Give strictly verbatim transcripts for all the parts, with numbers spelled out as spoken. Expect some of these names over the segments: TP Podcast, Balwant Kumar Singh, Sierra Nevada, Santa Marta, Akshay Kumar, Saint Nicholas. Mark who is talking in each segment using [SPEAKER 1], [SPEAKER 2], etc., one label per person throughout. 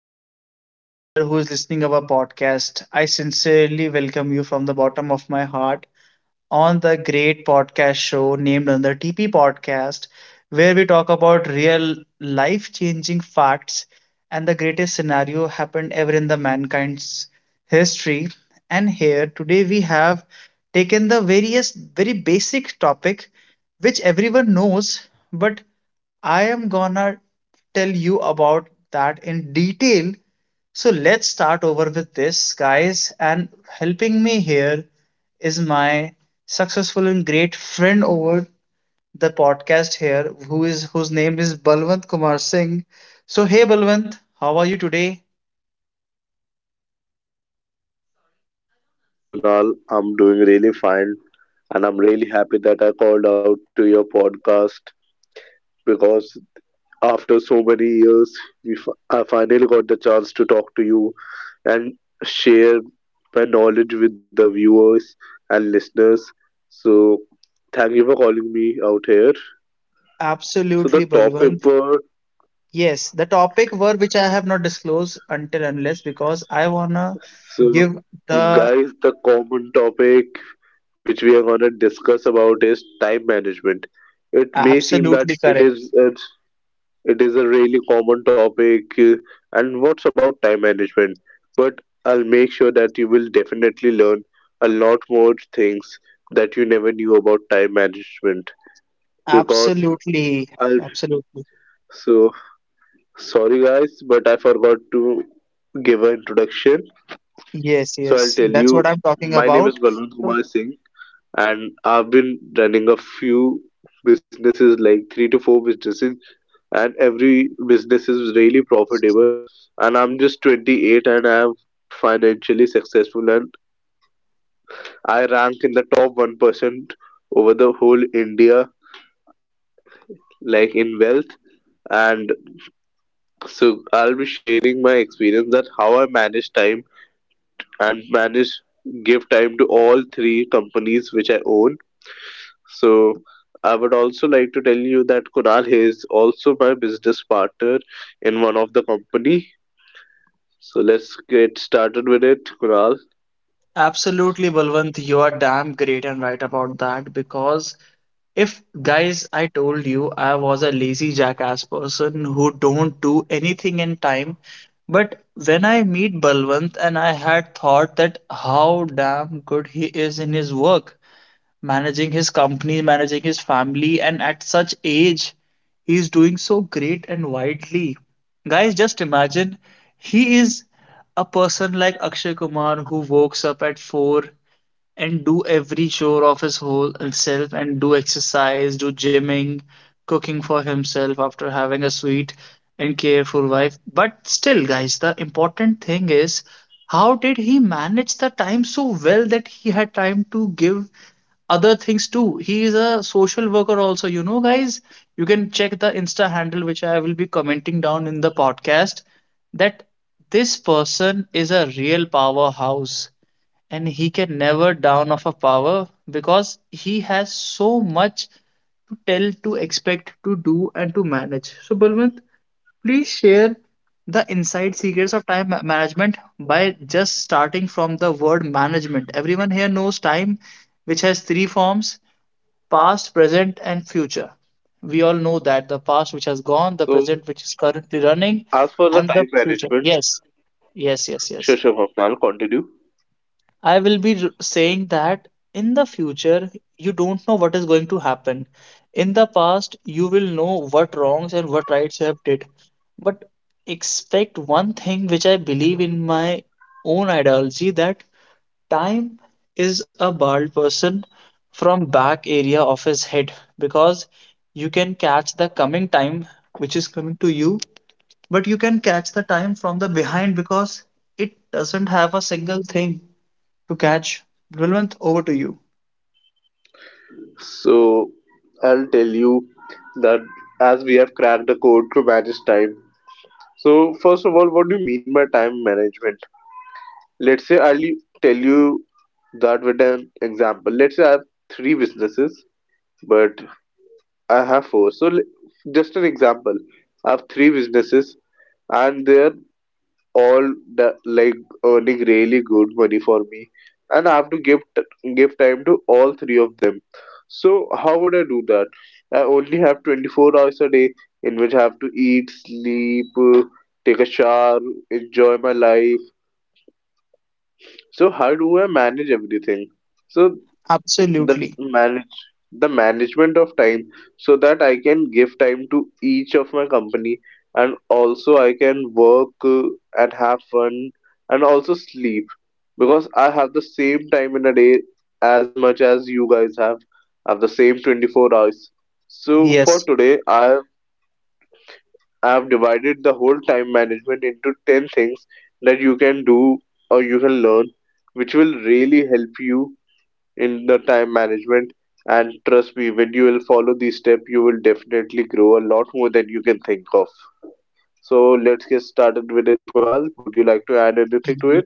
[SPEAKER 1] everyone, and out there who is listening our podcast. I sincerely welcome you from the bottom of my heart on the great podcast show named on the T P Podcast, where we talk about real life changing facts and the greatest scenario happened ever in the mankind's history. And here today we have taken the various very basic topic which everyone knows, but I am gonna tell you about that in detail, so let's start over with this, guys. And helping me here is my successful and great friend over the podcast here, who is whose name is Balwant Kumar Singh. So hey Balwant, how are you today?
[SPEAKER 2] So, hi Kunal, I'm doing really fine and I'm really happy that I called out to your podcast because after so many years, we f- I finally got the chance to talk to you and share my knowledge with the viewers and listeners. So, thank you for calling me out here. So, the
[SPEAKER 1] Absolutely,
[SPEAKER 2] topic
[SPEAKER 1] Balwant.
[SPEAKER 2] for
[SPEAKER 1] Yes, the topic were which I have not disclosed until unless because I wanna
[SPEAKER 2] so
[SPEAKER 1] give the
[SPEAKER 2] guys, the common topic which we are going to discuss about is time management. It may seem that
[SPEAKER 1] absolutely
[SPEAKER 2] it
[SPEAKER 1] correct.
[SPEAKER 2] is a It is a really common topic. uh, And what's about time management? But I'll make sure that you will definitely learn a lot more things that you never knew about time management. Because
[SPEAKER 1] Absolutely,
[SPEAKER 2] I'll
[SPEAKER 1] absolutely.
[SPEAKER 2] so Sorry guys, but I forgot to give an introduction.
[SPEAKER 1] Yes,
[SPEAKER 2] So I'll
[SPEAKER 1] yes,
[SPEAKER 2] tell
[SPEAKER 1] that's what
[SPEAKER 2] you,
[SPEAKER 1] I'm talking
[SPEAKER 2] my name is
[SPEAKER 1] about.
[SPEAKER 2] Balwant
[SPEAKER 1] So,
[SPEAKER 2] Kumar Singh, and I've been running a few businesses, like three to four businesses, and every business is really profitable, and I'm just twenty-eight, and I'm financially successful, and I rank in the top one percent over the whole India, like in wealth. And so I'll be sharing my experience that how I manage time and manage give time to all three companies which I own. So I would also like to tell you that Kunal is also my business partner in one of the company. So let's get started with it, Kunal.
[SPEAKER 1] absolutely, Balwant, you are damn great and right about that because, if guys, I told you I was a lazy jackass person who don't do anything in time, but when I meet Balwant and I had thought that how damn good he is in his work, managing his company, managing his family, and at such age, he is doing so great and widely. Guys, just imagine, he is a person like Akshay Kumar who wakes up at four and do every chore of his whole self and do exercise, do gymming, cooking for himself after having a sweet and careful wife. But still, guys, the important thing is how did he manage the time so well that he had time to give other things too. He is a social worker also. You know, guys, you can check the Insta handle which I will be commenting down in the podcast, that this person is a real powerhouse and he can never down of a power because he has so much to tell, to expect, to do, and to manage. So, Balwant, please share the inside secrets of time ma- management by just starting from the word management. Everyone here knows time, which has three forms: past, present, and future. We all know that the past, which has gone, the
[SPEAKER 2] So,
[SPEAKER 1] present, which is currently running,
[SPEAKER 2] as for the
[SPEAKER 1] and the
[SPEAKER 2] time
[SPEAKER 1] future.
[SPEAKER 2] management,
[SPEAKER 1] Yes, yes, yes, yes.
[SPEAKER 2] sure, sure, Kunal, continue.
[SPEAKER 1] I will be r- saying that in the future, you don't know what is going to happen. In the past, you will know what wrongs and what rights you have did. But expect one thing which I believe in my own ideology, that time is a bald person from back area of his head, because you can catch the coming time which is coming to you, but you can catch the time from the behind because it doesn't have a single thing to catch. Brilwant, over to you.
[SPEAKER 2] So I'll tell you that as we have cracked the code to manage time. So first of all, what do you mean by time management? Let's say I'll tell you that with an example. Let's say I have three businesses, but I have four. So l- just an example, I have three businesses, and there all the like earning really good money for me, and I have to give t- give time to all three of them. So how would I do that? I only have twenty-four hours a day, in which I have to eat, sleep, uh, take a shower, enjoy my life. So how do I manage everything? So the
[SPEAKER 1] Absolutely.
[SPEAKER 2] manage the management of time, so that I can give time to each of my company, and also I can work, uh, and have fun, and also sleep, because I have the same time in a day as much as you guys have. I have the same twenty-four hours. So for
[SPEAKER 1] Yes.
[SPEAKER 2] today, I I have divided the whole time management into ten things that you can do or you can learn, which will really help you in the time management. And trust me, when you will follow these steps, you will definitely grow a lot more than you can think of. So let's get started with it, Kunal. Would you like to add anything to it?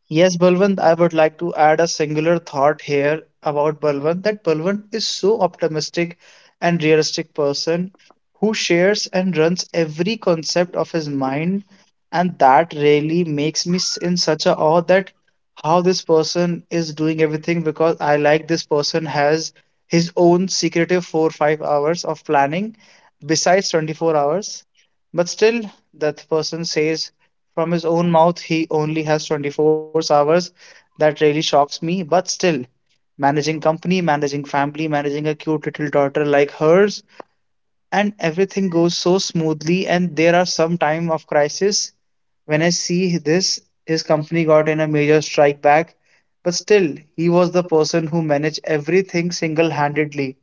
[SPEAKER 1] Yes, Balwant, I would like to add a singular thought here about Balwant, that Balwant is so optimistic and realistic person who shares and runs every concept of his mind, and that really makes me s- in such a awe that how this person is doing everything, because I like this person has his own secretive four five hours of planning besides twenty-four hours, but still that person says from his own mouth, he only has twenty-four hours. That really shocks me. But still, managing company, managing family, managing a cute little daughter like hers, and everything goes so smoothly. And there are some time of crisis. When I see this, his company got in a major strike back. But still, he was the person who managed everything single handedly.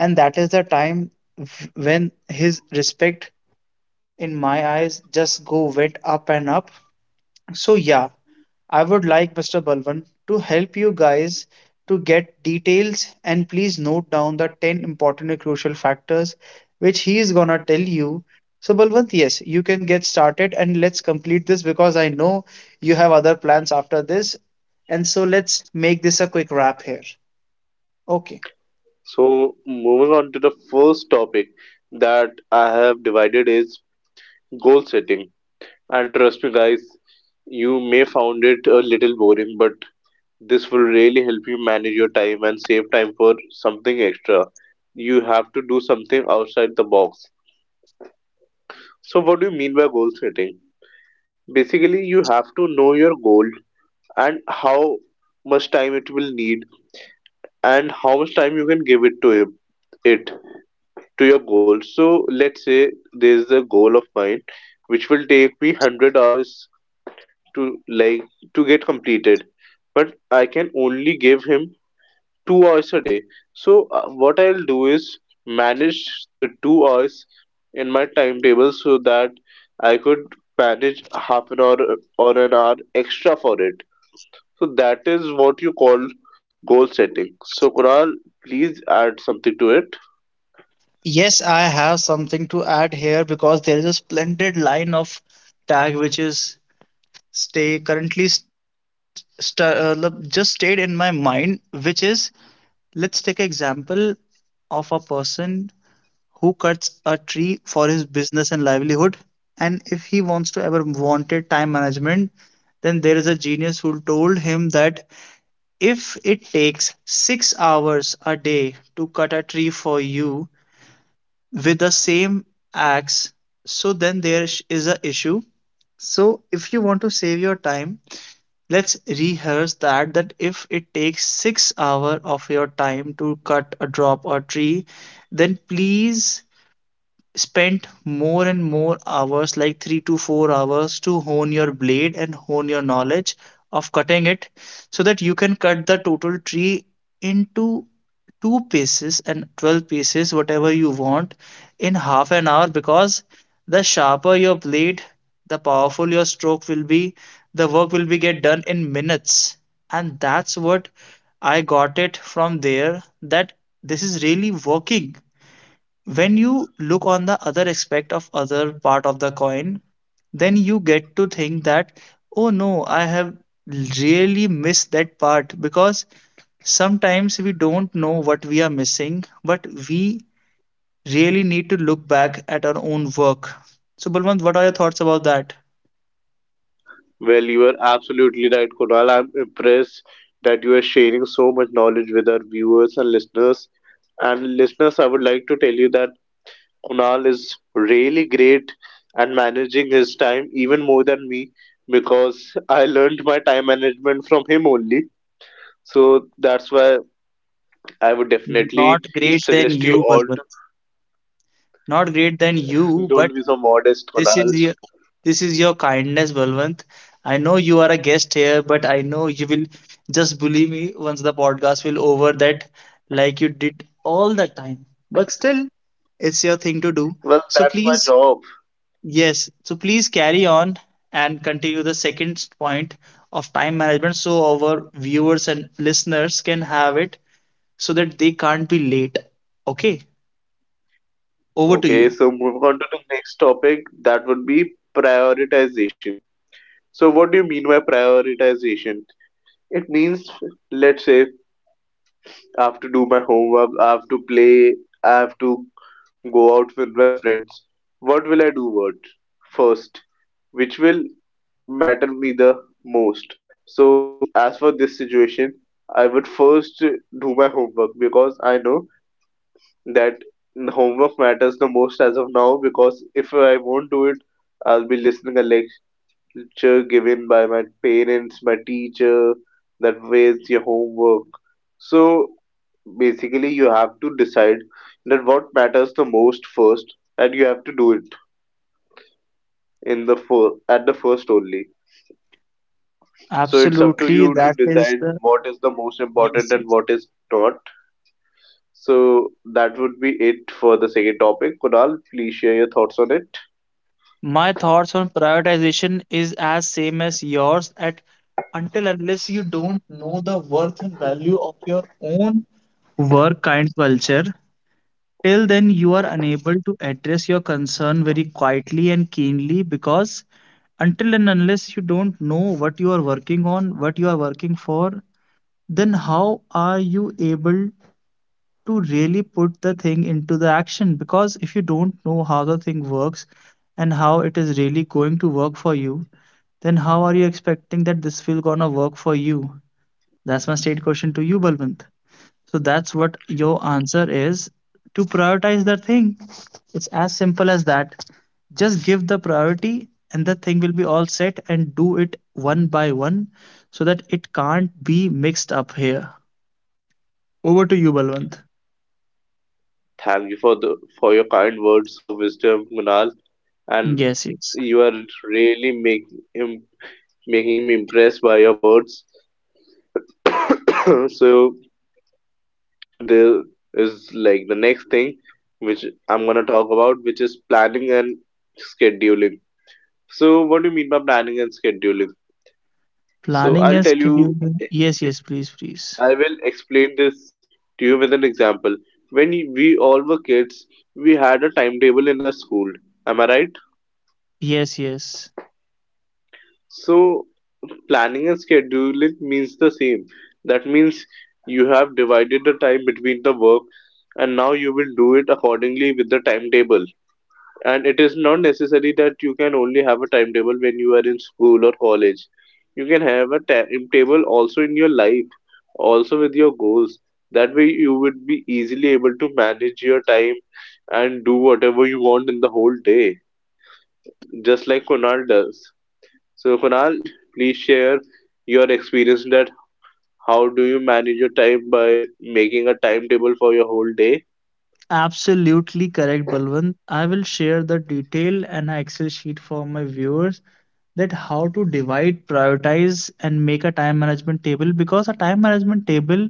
[SPEAKER 1] And that is the time v- when his respect in my eyes just go went up and up. So yeah, I would like Mister Balwant to help you guys to get details, and please note down the ten important and crucial factors which he is gonna tell you. So, Balwant, yes, you can get started and let's complete this, because I know you have other plans after this. And so, let's make this a quick wrap here. Okay.
[SPEAKER 2] So moving on to the first topic that I have divided is goal setting. And trust me, guys, you may found it a little boring, but this will really help you manage your time and save time for something extra. You have to do something outside the box. So, what do you mean by goal setting? Basically, you have to know your goal and how much time it will need and how much time you can give it to it, it to your goal. So let's say there's a goal of mine which will take me one hundred hours to like to get completed, but I can only give him two hours a day. So uh, what I'll do is manage the two hours in my timetable so that I could manage half an hour or an hour extra for it. So that is what you call goal setting. So Kunal, please add something to it.
[SPEAKER 1] Yes, I have something to add here, because there is a splendid line of tag which is stay currently st st uh, just stayed in my mind, which is: let's take an example of a person who cuts a tree for his business and livelihood. And if he wants to ever wanted time management, then there is a genius who told him that if it takes six hours a day to cut a tree for you with the same axe, so then there is a issue. So if you want to save your time, let's rehearse that that if it takes six hours of your time to cut a drop or tree, then please spent more and more hours, like three to four hours, to hone your blade and hone your knowledge of cutting it, so that you can cut the total tree into two pieces and twelve pieces, whatever you want, in half an hour, because the sharper your blade, the powerful your stroke will be, the work will be get done in minutes. And that's what I got it from there, that this is really working. When you look on the other aspect of other part of the coin, then you get to think that, oh no, I have really missed that part, because sometimes we don't know what we are missing, but we really need to look back at our own work. So Balwant, what are your thoughts about that?
[SPEAKER 2] Well, you are absolutely right, Kunal. I'm impressed that you are sharing so much knowledge with our viewers and listeners. And listeners, I would like to tell you that Kunal is really great at managing his time even more than me, because I learned my time management from him only. So that's why I would definitely
[SPEAKER 1] Not great than
[SPEAKER 2] suggest you
[SPEAKER 1] you,
[SPEAKER 2] all
[SPEAKER 1] Balwant. Not great than
[SPEAKER 2] to
[SPEAKER 1] you, but
[SPEAKER 2] don't be so modest,
[SPEAKER 1] this
[SPEAKER 2] Kunal.
[SPEAKER 1] is your, this is your kindness, Balwant. I know you are a guest here, but I know you will just bully me once the podcast will over, that like you did all the time. But still, it's your thing to do.
[SPEAKER 2] Well,
[SPEAKER 1] So
[SPEAKER 2] that's my
[SPEAKER 1] please,
[SPEAKER 2] job.
[SPEAKER 1] yes, so please carry on and continue the second point of time management so our viewers and listeners can have it, so that they can't be late. Okay, over to
[SPEAKER 2] Okay,
[SPEAKER 1] you.
[SPEAKER 2] so moving on to the next topic, that would be prioritization. So, what do you mean by prioritization? It means, let's say, I have to do my homework, I have to play, I have to go out with my friends. What will I do what first? Which will matter me the most? So, as for this situation, I would first do my homework because I know that homework matters the most as of now, because if I won't do it, I'll be listening a lecture given by my parents, my teacher, that where's your homework. So basically, you have to decide that what matters the most first, and you have to do it in the first at the first only. So it's up to
[SPEAKER 1] Absolutely,
[SPEAKER 2] you to
[SPEAKER 1] that is
[SPEAKER 2] decide
[SPEAKER 1] the,
[SPEAKER 2] what is the most
[SPEAKER 1] yes,
[SPEAKER 2] important and
[SPEAKER 1] yes.
[SPEAKER 2] what is not. So that would be it for the second topic. Kunal, please share your thoughts on it.
[SPEAKER 1] My thoughts on prioritization is as same as yours at until unless you don't know the worth and value of your own work kind culture, till then you are unable to address your concern very quietly and keenly, because until and unless you don't know what you are working on, what you are working for, then how are you able to really put the thing into the action, because if you don't know how the thing works and how it is really going to work for you, then how are you expecting that this will gonna work for you? That's my state question to you, Balwant. So that's what your answer is, to prioritize the thing. It's as simple as that. Just give the priority and the thing will be all set and do it one by one, so that it can't be mixed up here. Over to you, Balwant.
[SPEAKER 2] Thank you for the for your kind words of wisdom, Kunal. And
[SPEAKER 1] Yes, yes.
[SPEAKER 2] you are really make, im, making me impressed by your words. So there is like the next thing which I'm gonna talk about, which is planning and scheduling. So what do you mean by planning and scheduling? So
[SPEAKER 1] Planning
[SPEAKER 2] I'll
[SPEAKER 1] and
[SPEAKER 2] tell you.
[SPEAKER 1] scheduling. Yes, yes, please, please.
[SPEAKER 2] I will explain this to you with an example. When we all were kids, we had a timetable in our school. Am I right?
[SPEAKER 1] Yes, yes.
[SPEAKER 2] So planning and scheduling means the same. That means you have divided the time between the work, and now you will do it accordingly with the timetable. And it is not necessary that you can only have a timetable when you are in school or college. You can have a timetable also in your life, also with your goals. That way you would be easily able to manage your time and do whatever you want in the whole day, just like Kunal does. So, Kunal, please share your experience that how do you manage your time by making a timetable for your whole day?
[SPEAKER 1] Absolutely correct, Balwant. I will share the detail and a Excel sheet for my viewers, that how to divide, prioritize, and make a time management table, because a time management table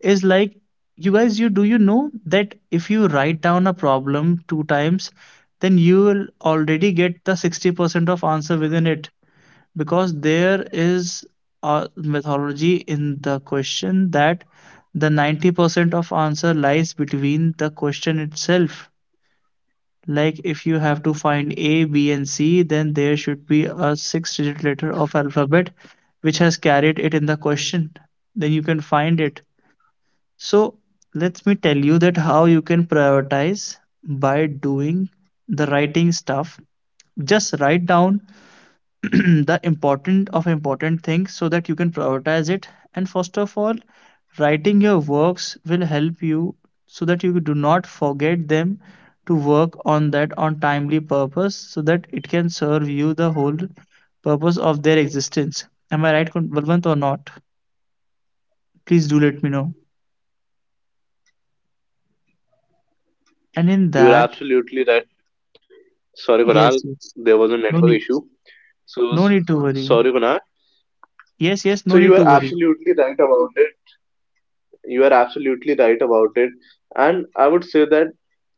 [SPEAKER 1] is like, you guys, you do you know that if you write down a problem two times, then you will already get the sixty percent of answer within it, because there is a methodology in the question that the ninety percent of answer lies between the question itself. Like if you have to find a b and c, then there should be a six digit letter of alphabet which has carried it in the question, then you can find it. So let me tell you that how you can prioritize by doing the writing stuff. Just write down the important of important things so that you can prioritize it. And first of all, writing your works will help you so that you do not forget them, to work on that on timely purpose, so that it can serve you the whole purpose of their existence. Am I right, Kun- balwant, or not? Please do let me know. And in
[SPEAKER 2] You are
[SPEAKER 1] that,
[SPEAKER 2] absolutely right. Sorry,
[SPEAKER 1] yes,
[SPEAKER 2] Kunal,
[SPEAKER 1] yes,
[SPEAKER 2] there was a
[SPEAKER 1] no
[SPEAKER 2] network
[SPEAKER 1] need,
[SPEAKER 2] issue. So,
[SPEAKER 1] no
[SPEAKER 2] s-
[SPEAKER 1] need to worry,
[SPEAKER 2] sorry, Kunal.
[SPEAKER 1] yes, yes,
[SPEAKER 2] So,
[SPEAKER 1] no need
[SPEAKER 2] you are
[SPEAKER 1] to worry,
[SPEAKER 2] absolutely right about it. You are absolutely right about it. And I would say that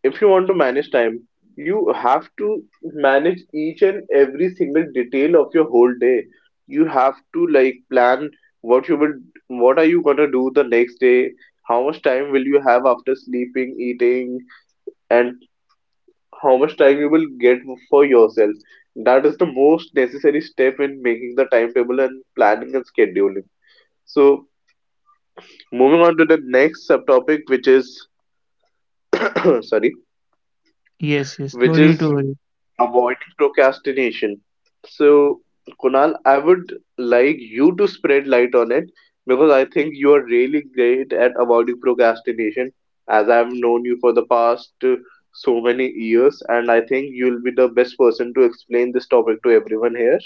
[SPEAKER 2] if you want to manage time, you have to manage each and every single detail of your whole day. You have to like plan what you will, what are you gonna do the next day, how much time will you have after sleeping, eating, and how much time you will get for yourself. That is the most necessary step in making the timetable and planning and scheduling. So moving on to the next subtopic, which is sorry,
[SPEAKER 1] yes, yes, no
[SPEAKER 2] which
[SPEAKER 1] need to
[SPEAKER 2] is
[SPEAKER 1] worry.
[SPEAKER 2] avoiding procrastination. So, Kunal, I would like you to spread light on it because I think you are really great at avoiding procrastination, as I've known you for the past uh, so many years, and I think you'll be the best person to explain this topic to everyone here.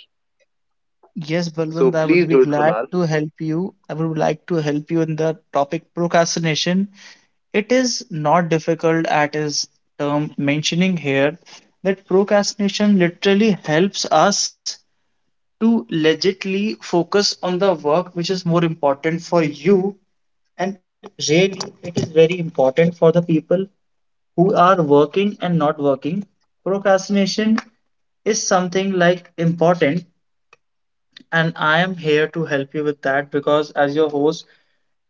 [SPEAKER 1] Yes,
[SPEAKER 2] So
[SPEAKER 1] Balwant, I would
[SPEAKER 2] please
[SPEAKER 1] be
[SPEAKER 2] do it,
[SPEAKER 1] glad
[SPEAKER 2] Kunal.
[SPEAKER 1] to help you. I would like to help you in the topic procrastination. It is not difficult at its term mentioning here, that procrastination literally helps us to legitly focus on the work which is more important for you. And really, it is very important for the people who are working and not working. Procrastination is something like important, and I am here to help you with that because, as your host,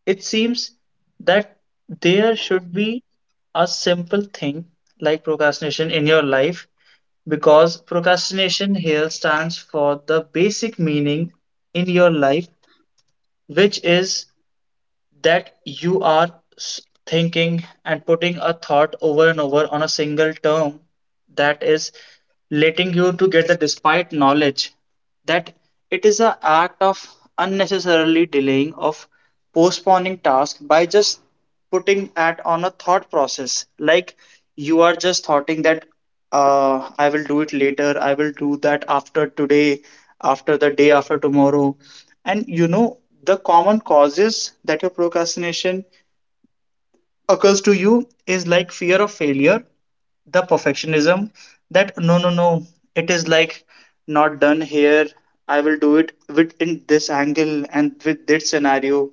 [SPEAKER 1] it seems that there should be a simple thing like procrastination in your life, because procrastination here stands for the basic meaning in your life, which is that you are s- thinking and putting a thought over and over on a single term that is letting you to get the despite knowledge that it is an act of unnecessarily delaying of postponing task by just putting at on a thought process like you are just thoughting that uh, i will do it later. I will do that after today, after the day after tomorrow. And you know, the common causes that your procrastination occurs to you is like fear of failure, the perfectionism that no, no, no, it is like not done here. I will do it with in this angle and with this scenario.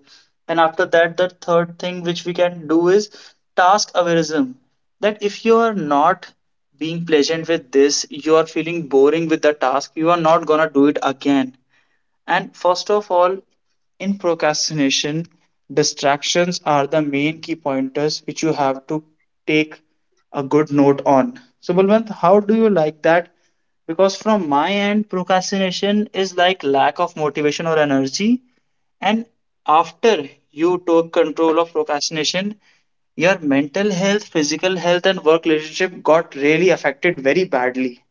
[SPEAKER 1] And after that, the third thing which we can do is task aversion. That if you are not being pleasant with this, you are feeling boring with the task, you are not gonna do it again. And first of all, in procrastination, distractions are the main key pointers which you have to take a good note on. So, Balwant, how do you like that? Because from my end, procrastination is like lack of motivation or energy. And after you took control of procrastination, your mental health, physical health, and work relationship got really affected very badly.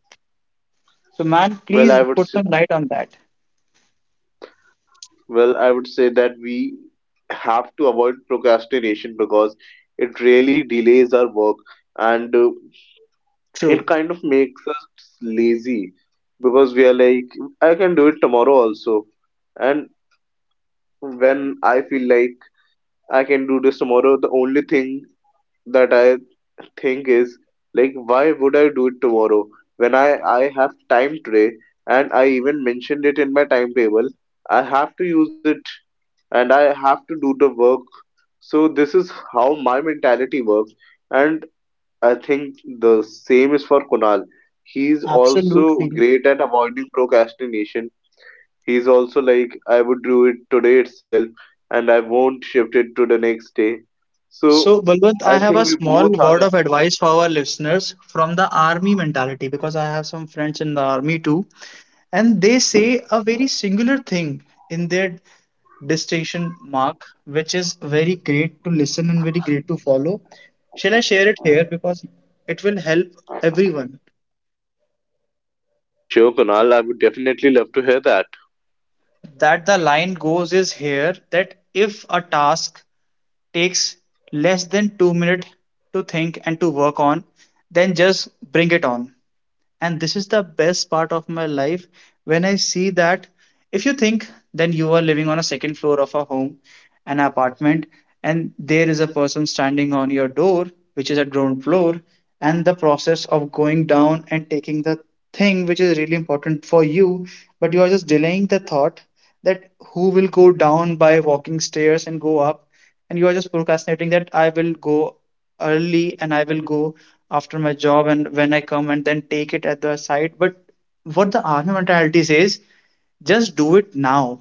[SPEAKER 1] So, man,
[SPEAKER 2] Well,
[SPEAKER 1] please
[SPEAKER 2] I would
[SPEAKER 1] put
[SPEAKER 2] say,
[SPEAKER 1] some light on that.
[SPEAKER 2] well, I would say that we have to avoid procrastination because it really delays our work, and uh, it
[SPEAKER 1] True.
[SPEAKER 2] kind of makes us lazy, because we are like, I can do it tomorrow also. And when I feel like I can do this tomorrow, the only thing that I think is, like, why would I do it tomorrow when i i have time today, and I even mentioned it in my timetable. I have to use it, and I have to do the work. So this is how my mentality works. And I think the same is for Kunal. He's also
[SPEAKER 1] Absolutely.
[SPEAKER 2] great at avoiding procrastination. He's also like, I would do it today itself and I won't shift it to the next day. So
[SPEAKER 1] So, Balwant,
[SPEAKER 2] I
[SPEAKER 1] I have a
[SPEAKER 2] think we
[SPEAKER 1] small
[SPEAKER 2] both are.
[SPEAKER 1] word of advice for our listeners from the army mentality, because I have some friends in the army too, and they say a very singular thing in their distinction mark, which is very great to listen and very great to follow. Shall I share it here because it will help everyone?
[SPEAKER 2] Sure, Kunal, I would definitely love to hear that.
[SPEAKER 1] That the line goes is here that if a task takes less than two minutes to think and to work on, then just bring it on. And this is the best part of my life when I see that if you think, then you are living on a second floor of a home, an apartment, and there is a person standing on your door, which is a ground floor, and the process of going down and taking the thing which is really important for you, but you are just delaying the thought that who will go down by walking stairs and go up, and you are just procrastinating that I will go early and I will go after my job and when I come and then take it at the site. But what the R N A mentality says, just do it now.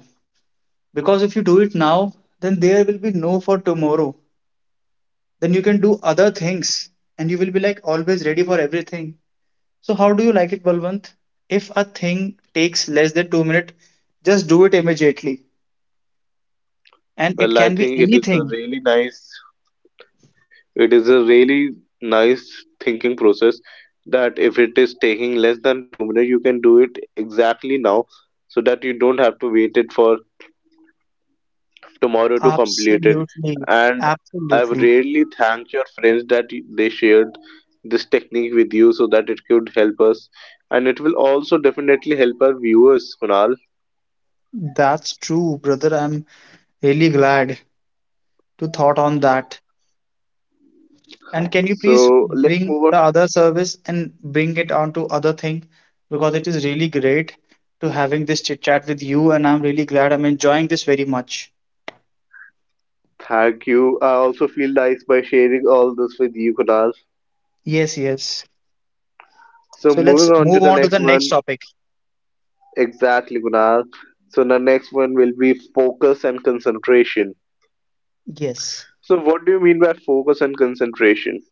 [SPEAKER 1] Because if you do it now, then there will be no for tomorrow. Then you can do other things, and you will be like always ready for everything. So how do you like it, Balwant? If a thing takes less than two minutes, just do it immediately, and it
[SPEAKER 2] Well,
[SPEAKER 1] can
[SPEAKER 2] I
[SPEAKER 1] be
[SPEAKER 2] think it is a
[SPEAKER 1] anything.
[SPEAKER 2] really nice, it is a really nice thinking process that if it is taking less than two minutes, you can do it exactly now so that you don't have to wait it for tomorrow to complete it.
[SPEAKER 1] Absolutely.
[SPEAKER 2] And I've
[SPEAKER 1] Absolutely.
[SPEAKER 2] really thanked your friends that y- they shared this technique with you so that it could help us. And it will also definitely help our viewers, Kunal.
[SPEAKER 1] That's true, brother. I'm really glad to thought on that. And can you please
[SPEAKER 2] So let's
[SPEAKER 1] bring
[SPEAKER 2] move on.
[SPEAKER 1] the other service and bring it on to other thing? Because it is really great to having this chit chat with you, and I'm really glad I'm enjoying this very much.
[SPEAKER 2] Thank you. I also feel nice by sharing all this with you, Kunal.
[SPEAKER 1] Yes, yes.
[SPEAKER 2] So
[SPEAKER 1] So let's
[SPEAKER 2] moving on to
[SPEAKER 1] move
[SPEAKER 2] the
[SPEAKER 1] on to
[SPEAKER 2] next
[SPEAKER 1] the next
[SPEAKER 2] one.
[SPEAKER 1] topic.
[SPEAKER 2] Exactly, Kunal. So the next one will be focus and concentration.
[SPEAKER 1] Yes.
[SPEAKER 2] So what do you mean by focus and concentration?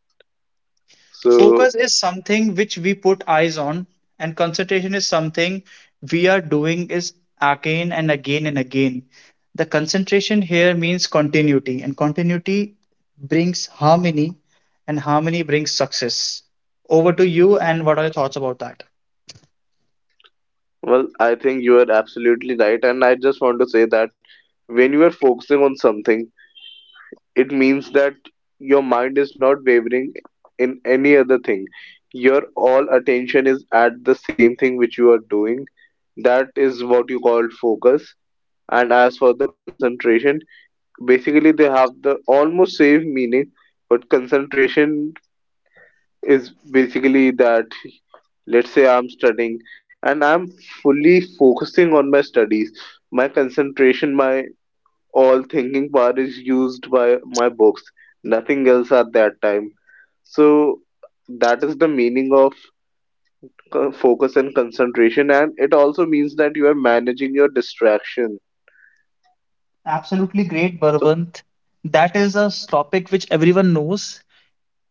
[SPEAKER 2] So
[SPEAKER 1] Focus is something which we put eyes on, and concentration is something we are doing is again and again and again. The concentration here means continuity, and continuity brings harmony, and harmony brings success. Over to you, and what are your thoughts about that?
[SPEAKER 2] well, I think you are absolutely right, and I just want to say that when you are focusing on something, it means that your mind is not wavering in any other thing. Your all attention is at the same thing which you are doing. That is what you call focus. And as for the concentration, basically they have the almost same meaning, but concentration is basically that, let's say I'm studying and I'm fully focusing on my studies. My concentration, my all thinking part is used by my books, nothing else at that time. So that is the meaning of co- focus and concentration, and it also means that you are managing your distraction.
[SPEAKER 1] Absolutely great,
[SPEAKER 2] So
[SPEAKER 1] Barwant. That is a topic which everyone knows.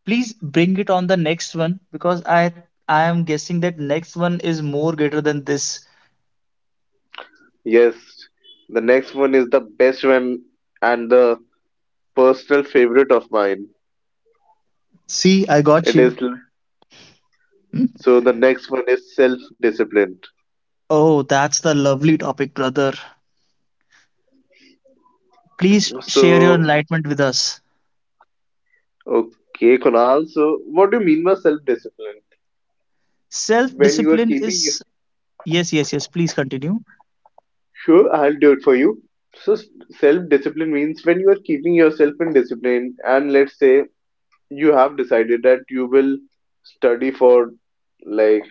[SPEAKER 1] Please bring it on the next one, because I I am guessing that next one is more greater than this.
[SPEAKER 2] yes, the next one is the best one and the personal favorite of mine.
[SPEAKER 1] See, I got
[SPEAKER 2] it
[SPEAKER 1] you.
[SPEAKER 2] is l- so the next one is self discipline.
[SPEAKER 1] Oh, that's the lovely topic, brother. Please share your
[SPEAKER 2] So
[SPEAKER 1] enlightenment with us.
[SPEAKER 2] okay, Kunal. So what do you mean by self-discipline? When you are
[SPEAKER 1] Self-discipline
[SPEAKER 2] keeping,
[SPEAKER 1] is yes, yes, yes. Please continue.
[SPEAKER 2] sure, I'll do it for you. So, s- Self-discipline means when you are keeping yourself in discipline, and let's say you have decided that you will study for like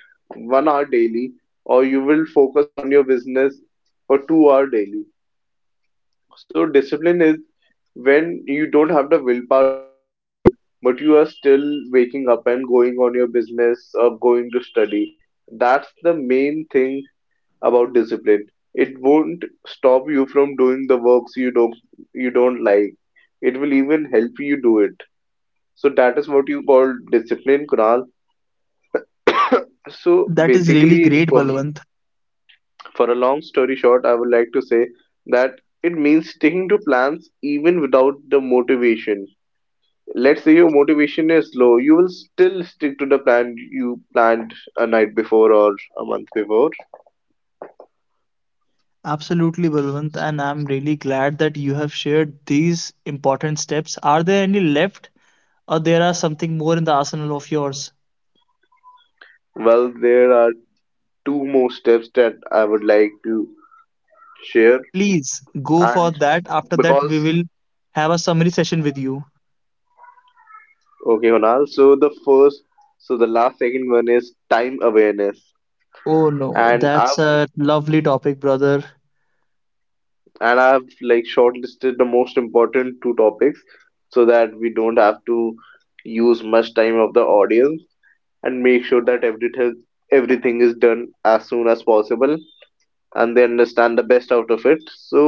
[SPEAKER 2] one hour daily, or you will focus on your business for two hour daily. So discipline is when you don't have the willpower to do anything, but you are still waking up and going on your business or going to study. That's the main thing about discipline. It won't stop you from doing the works you don't you don't like. It will even help you do it. So that is what you call discipline, Kunal. So
[SPEAKER 1] That is really
[SPEAKER 2] basically,
[SPEAKER 1] great,
[SPEAKER 2] for
[SPEAKER 1] Balwant.
[SPEAKER 2] for a long story short, I would like to say that it means sticking to plans even without the motivation. Let's say your motivation is low, you will still stick to the plan you planned a night before or a month before.
[SPEAKER 1] Absolutely, Balwant, and I'm really glad that you have shared these important steps. Are there any left, or there are something more in the arsenal of yours?
[SPEAKER 2] Well, there are two more steps that I would like to share,
[SPEAKER 1] Please go for
[SPEAKER 2] and
[SPEAKER 1] that. After that,
[SPEAKER 2] because
[SPEAKER 1] we will have a summary session with you.
[SPEAKER 2] okay, Honal, so the first, so the last second one is time awareness,
[SPEAKER 1] Oh no,
[SPEAKER 2] and I've
[SPEAKER 1] that's a lovely topic, brother.
[SPEAKER 2] and I've like shortlisted the most important two topics so that we don't have to use much time of the audience and make sure that everything everything is done as soon as possible and they understand the best out of it. So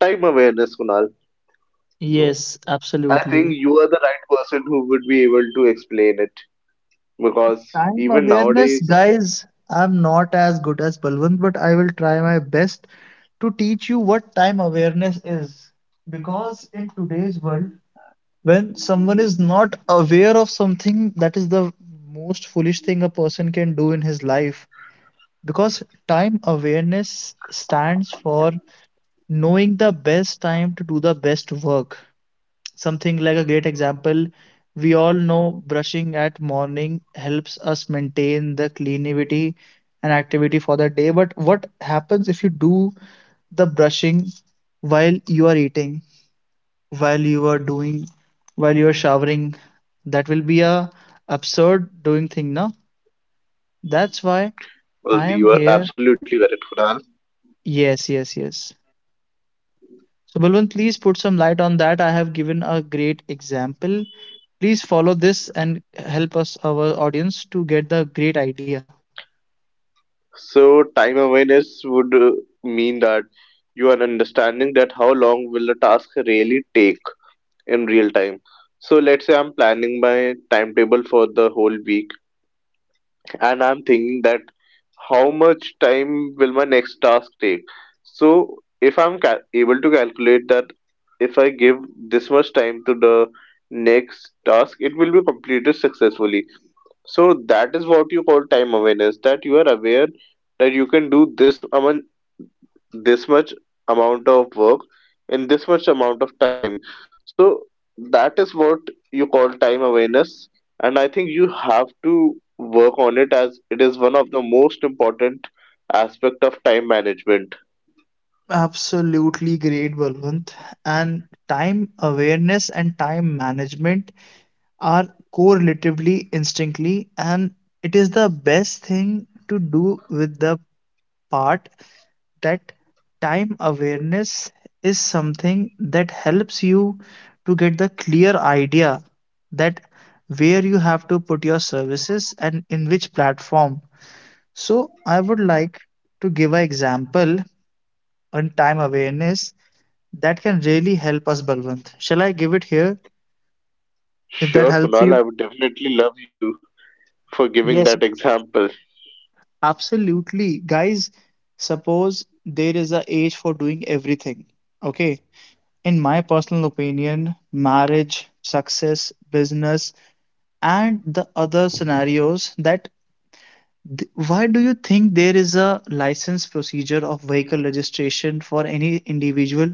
[SPEAKER 2] time awareness, Kunal. So
[SPEAKER 1] Yes,
[SPEAKER 2] I think
[SPEAKER 1] absolutely.
[SPEAKER 2] you are the right person who would be able to explain it, because
[SPEAKER 1] Time
[SPEAKER 2] even
[SPEAKER 1] awareness,
[SPEAKER 2] nowadays,
[SPEAKER 1] guys. I'm not as good as Balwant, but I will try my best to teach you what time awareness is. Because in today's world, when someone is not aware of something, that is the most foolish thing a person can do in his life. Because time awareness stands for knowing the best time to do the best work. Something like a great example, we all know brushing at morning helps us maintain the cleanivity and activity for the day. But what happens if you do the brushing while you are eating, while you are doing, while you are showering? That will be a absurd doing thing, no? That's why
[SPEAKER 2] well,
[SPEAKER 1] I am
[SPEAKER 2] you are
[SPEAKER 1] here.
[SPEAKER 2] absolutely correct, Kunal.
[SPEAKER 1] Yes, yes, yes. So, Balwant, please put some light on that. I have given a great example. Please follow this and help us, our audience, to get the great idea.
[SPEAKER 2] So time awareness would uh, mean that you are understanding that how long will a task really take in real time. So let's say I'm planning my timetable for the whole week, and I'm thinking that how much time will my next task take? So if I'm cal- able to calculate that if I give this much time to the next task, it will be completed successfully. So that is what you call time awareness, that you are aware that you can do this amount, this much amount of work in this much amount of time. So that is what you call time awareness, and I think you have to work on it as it is one of the most important aspect of time management.
[SPEAKER 1] Absolutely great, Balwant. And time awareness and time management are correlatively instinctly, and it is the best thing to do with the part that time awareness is something that helps you to get the clear idea that where you have to put your services and in which platform. So I would like to give an example on time awareness that can really help us, Balwant. Shall I give it here if that
[SPEAKER 2] Sure,
[SPEAKER 1] helps
[SPEAKER 2] Kunal,
[SPEAKER 1] you?
[SPEAKER 2] I would definitely love you for giving
[SPEAKER 1] Yes,
[SPEAKER 2] that example.
[SPEAKER 1] absolutely. Guys, suppose there is a age for doing everything, okay. In my personal opinion, marriage, success, business, and the other scenarios that th- why do you think there is a license procedure of vehicle registration for any individual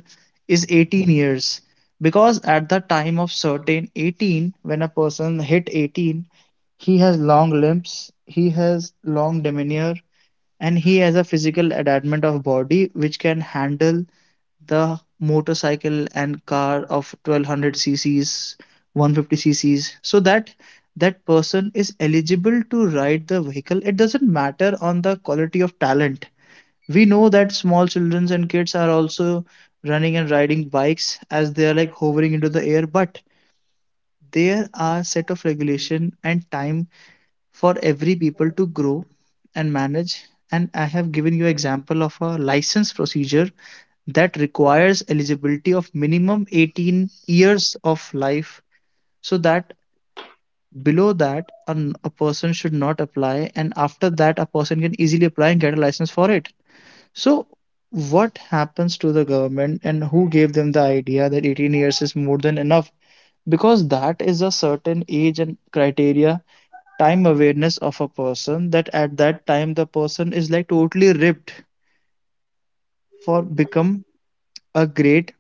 [SPEAKER 1] is eighteen years? Because at the time of certain eighteen, when a person hit eighteen, he has long limbs, he has long demeanor, and he has a physical adamant of body which can handle the motorcycle and car of twelve hundred cc's, one fifty cc's, so that that person is eligible to ride the vehicle. It doesn't matter on the quality of talent. We know that small children and kids are also running and riding bikes as they are like hovering into the air, but there are set of regulation and time for every people to grow and manage. And I have given you example of a license procedure that requires eligibility of minimum eighteen years of life, so that below that an, a person should not apply, and after that a person can easily apply and get a license for it. So what happens to the government and who gave them the idea that eighteen years is more than enough? Because that is a certain age and criteria, time awareness of a person, that at that time the person is like totally ripped for become a great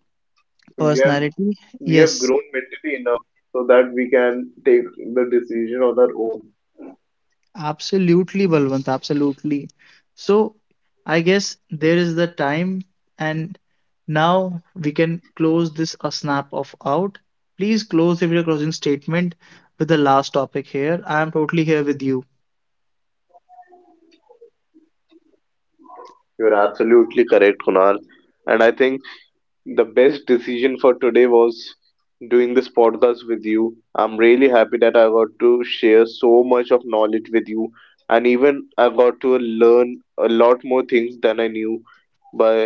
[SPEAKER 2] we have
[SPEAKER 1] personality.
[SPEAKER 2] we have
[SPEAKER 1] Yes.
[SPEAKER 2] grown mentally enough so that we can take the decision on our own.
[SPEAKER 1] Absolutely, Balwant, absolutely. So I guess there is the time, and now we can close this a snap of out. Please close with your closing statement with the last topic here. I am totally here with you.
[SPEAKER 2] You're absolutely correct, Kunal, and I think the best decision for today was doing this podcast with you. I'm really happy that I got to share so much of knowledge with you, and even I got to learn a lot more things than I knew by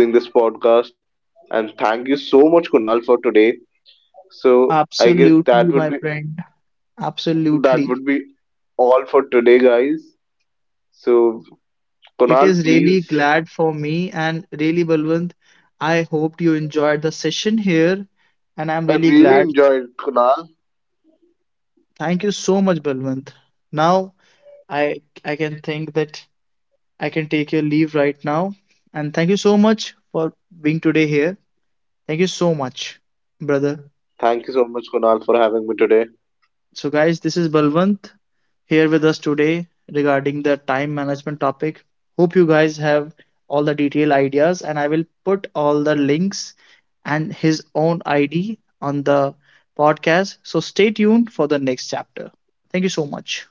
[SPEAKER 2] doing this podcast. And thank you so much, Kunal, for today. So I guess
[SPEAKER 1] Absolutely,
[SPEAKER 2] that
[SPEAKER 1] my
[SPEAKER 2] would be
[SPEAKER 1] friend.
[SPEAKER 2] that would
[SPEAKER 1] Absolutely.
[SPEAKER 2] be all for today, guys. So
[SPEAKER 1] It
[SPEAKER 2] Kunal,
[SPEAKER 1] is really
[SPEAKER 2] please,
[SPEAKER 1] glad for me and really Balwant. I hoped you enjoyed the session here and I'm
[SPEAKER 2] I
[SPEAKER 1] really
[SPEAKER 2] really
[SPEAKER 1] glad.
[SPEAKER 2] enjoyed Kunal.
[SPEAKER 1] Thank you so much, Balwant. Now I I can think that I can take your leave right now. And thank you so much for being today here. Thank you so much, brother.
[SPEAKER 2] Thank you so much, Kunal, for having me today.
[SPEAKER 1] So, guys, this is Balwant here with us today regarding the time management topic. Hope you guys have all the detailed ideas, and I will put all the links and his own I D on the podcast. So, stay tuned for the next chapter. Thank you so much.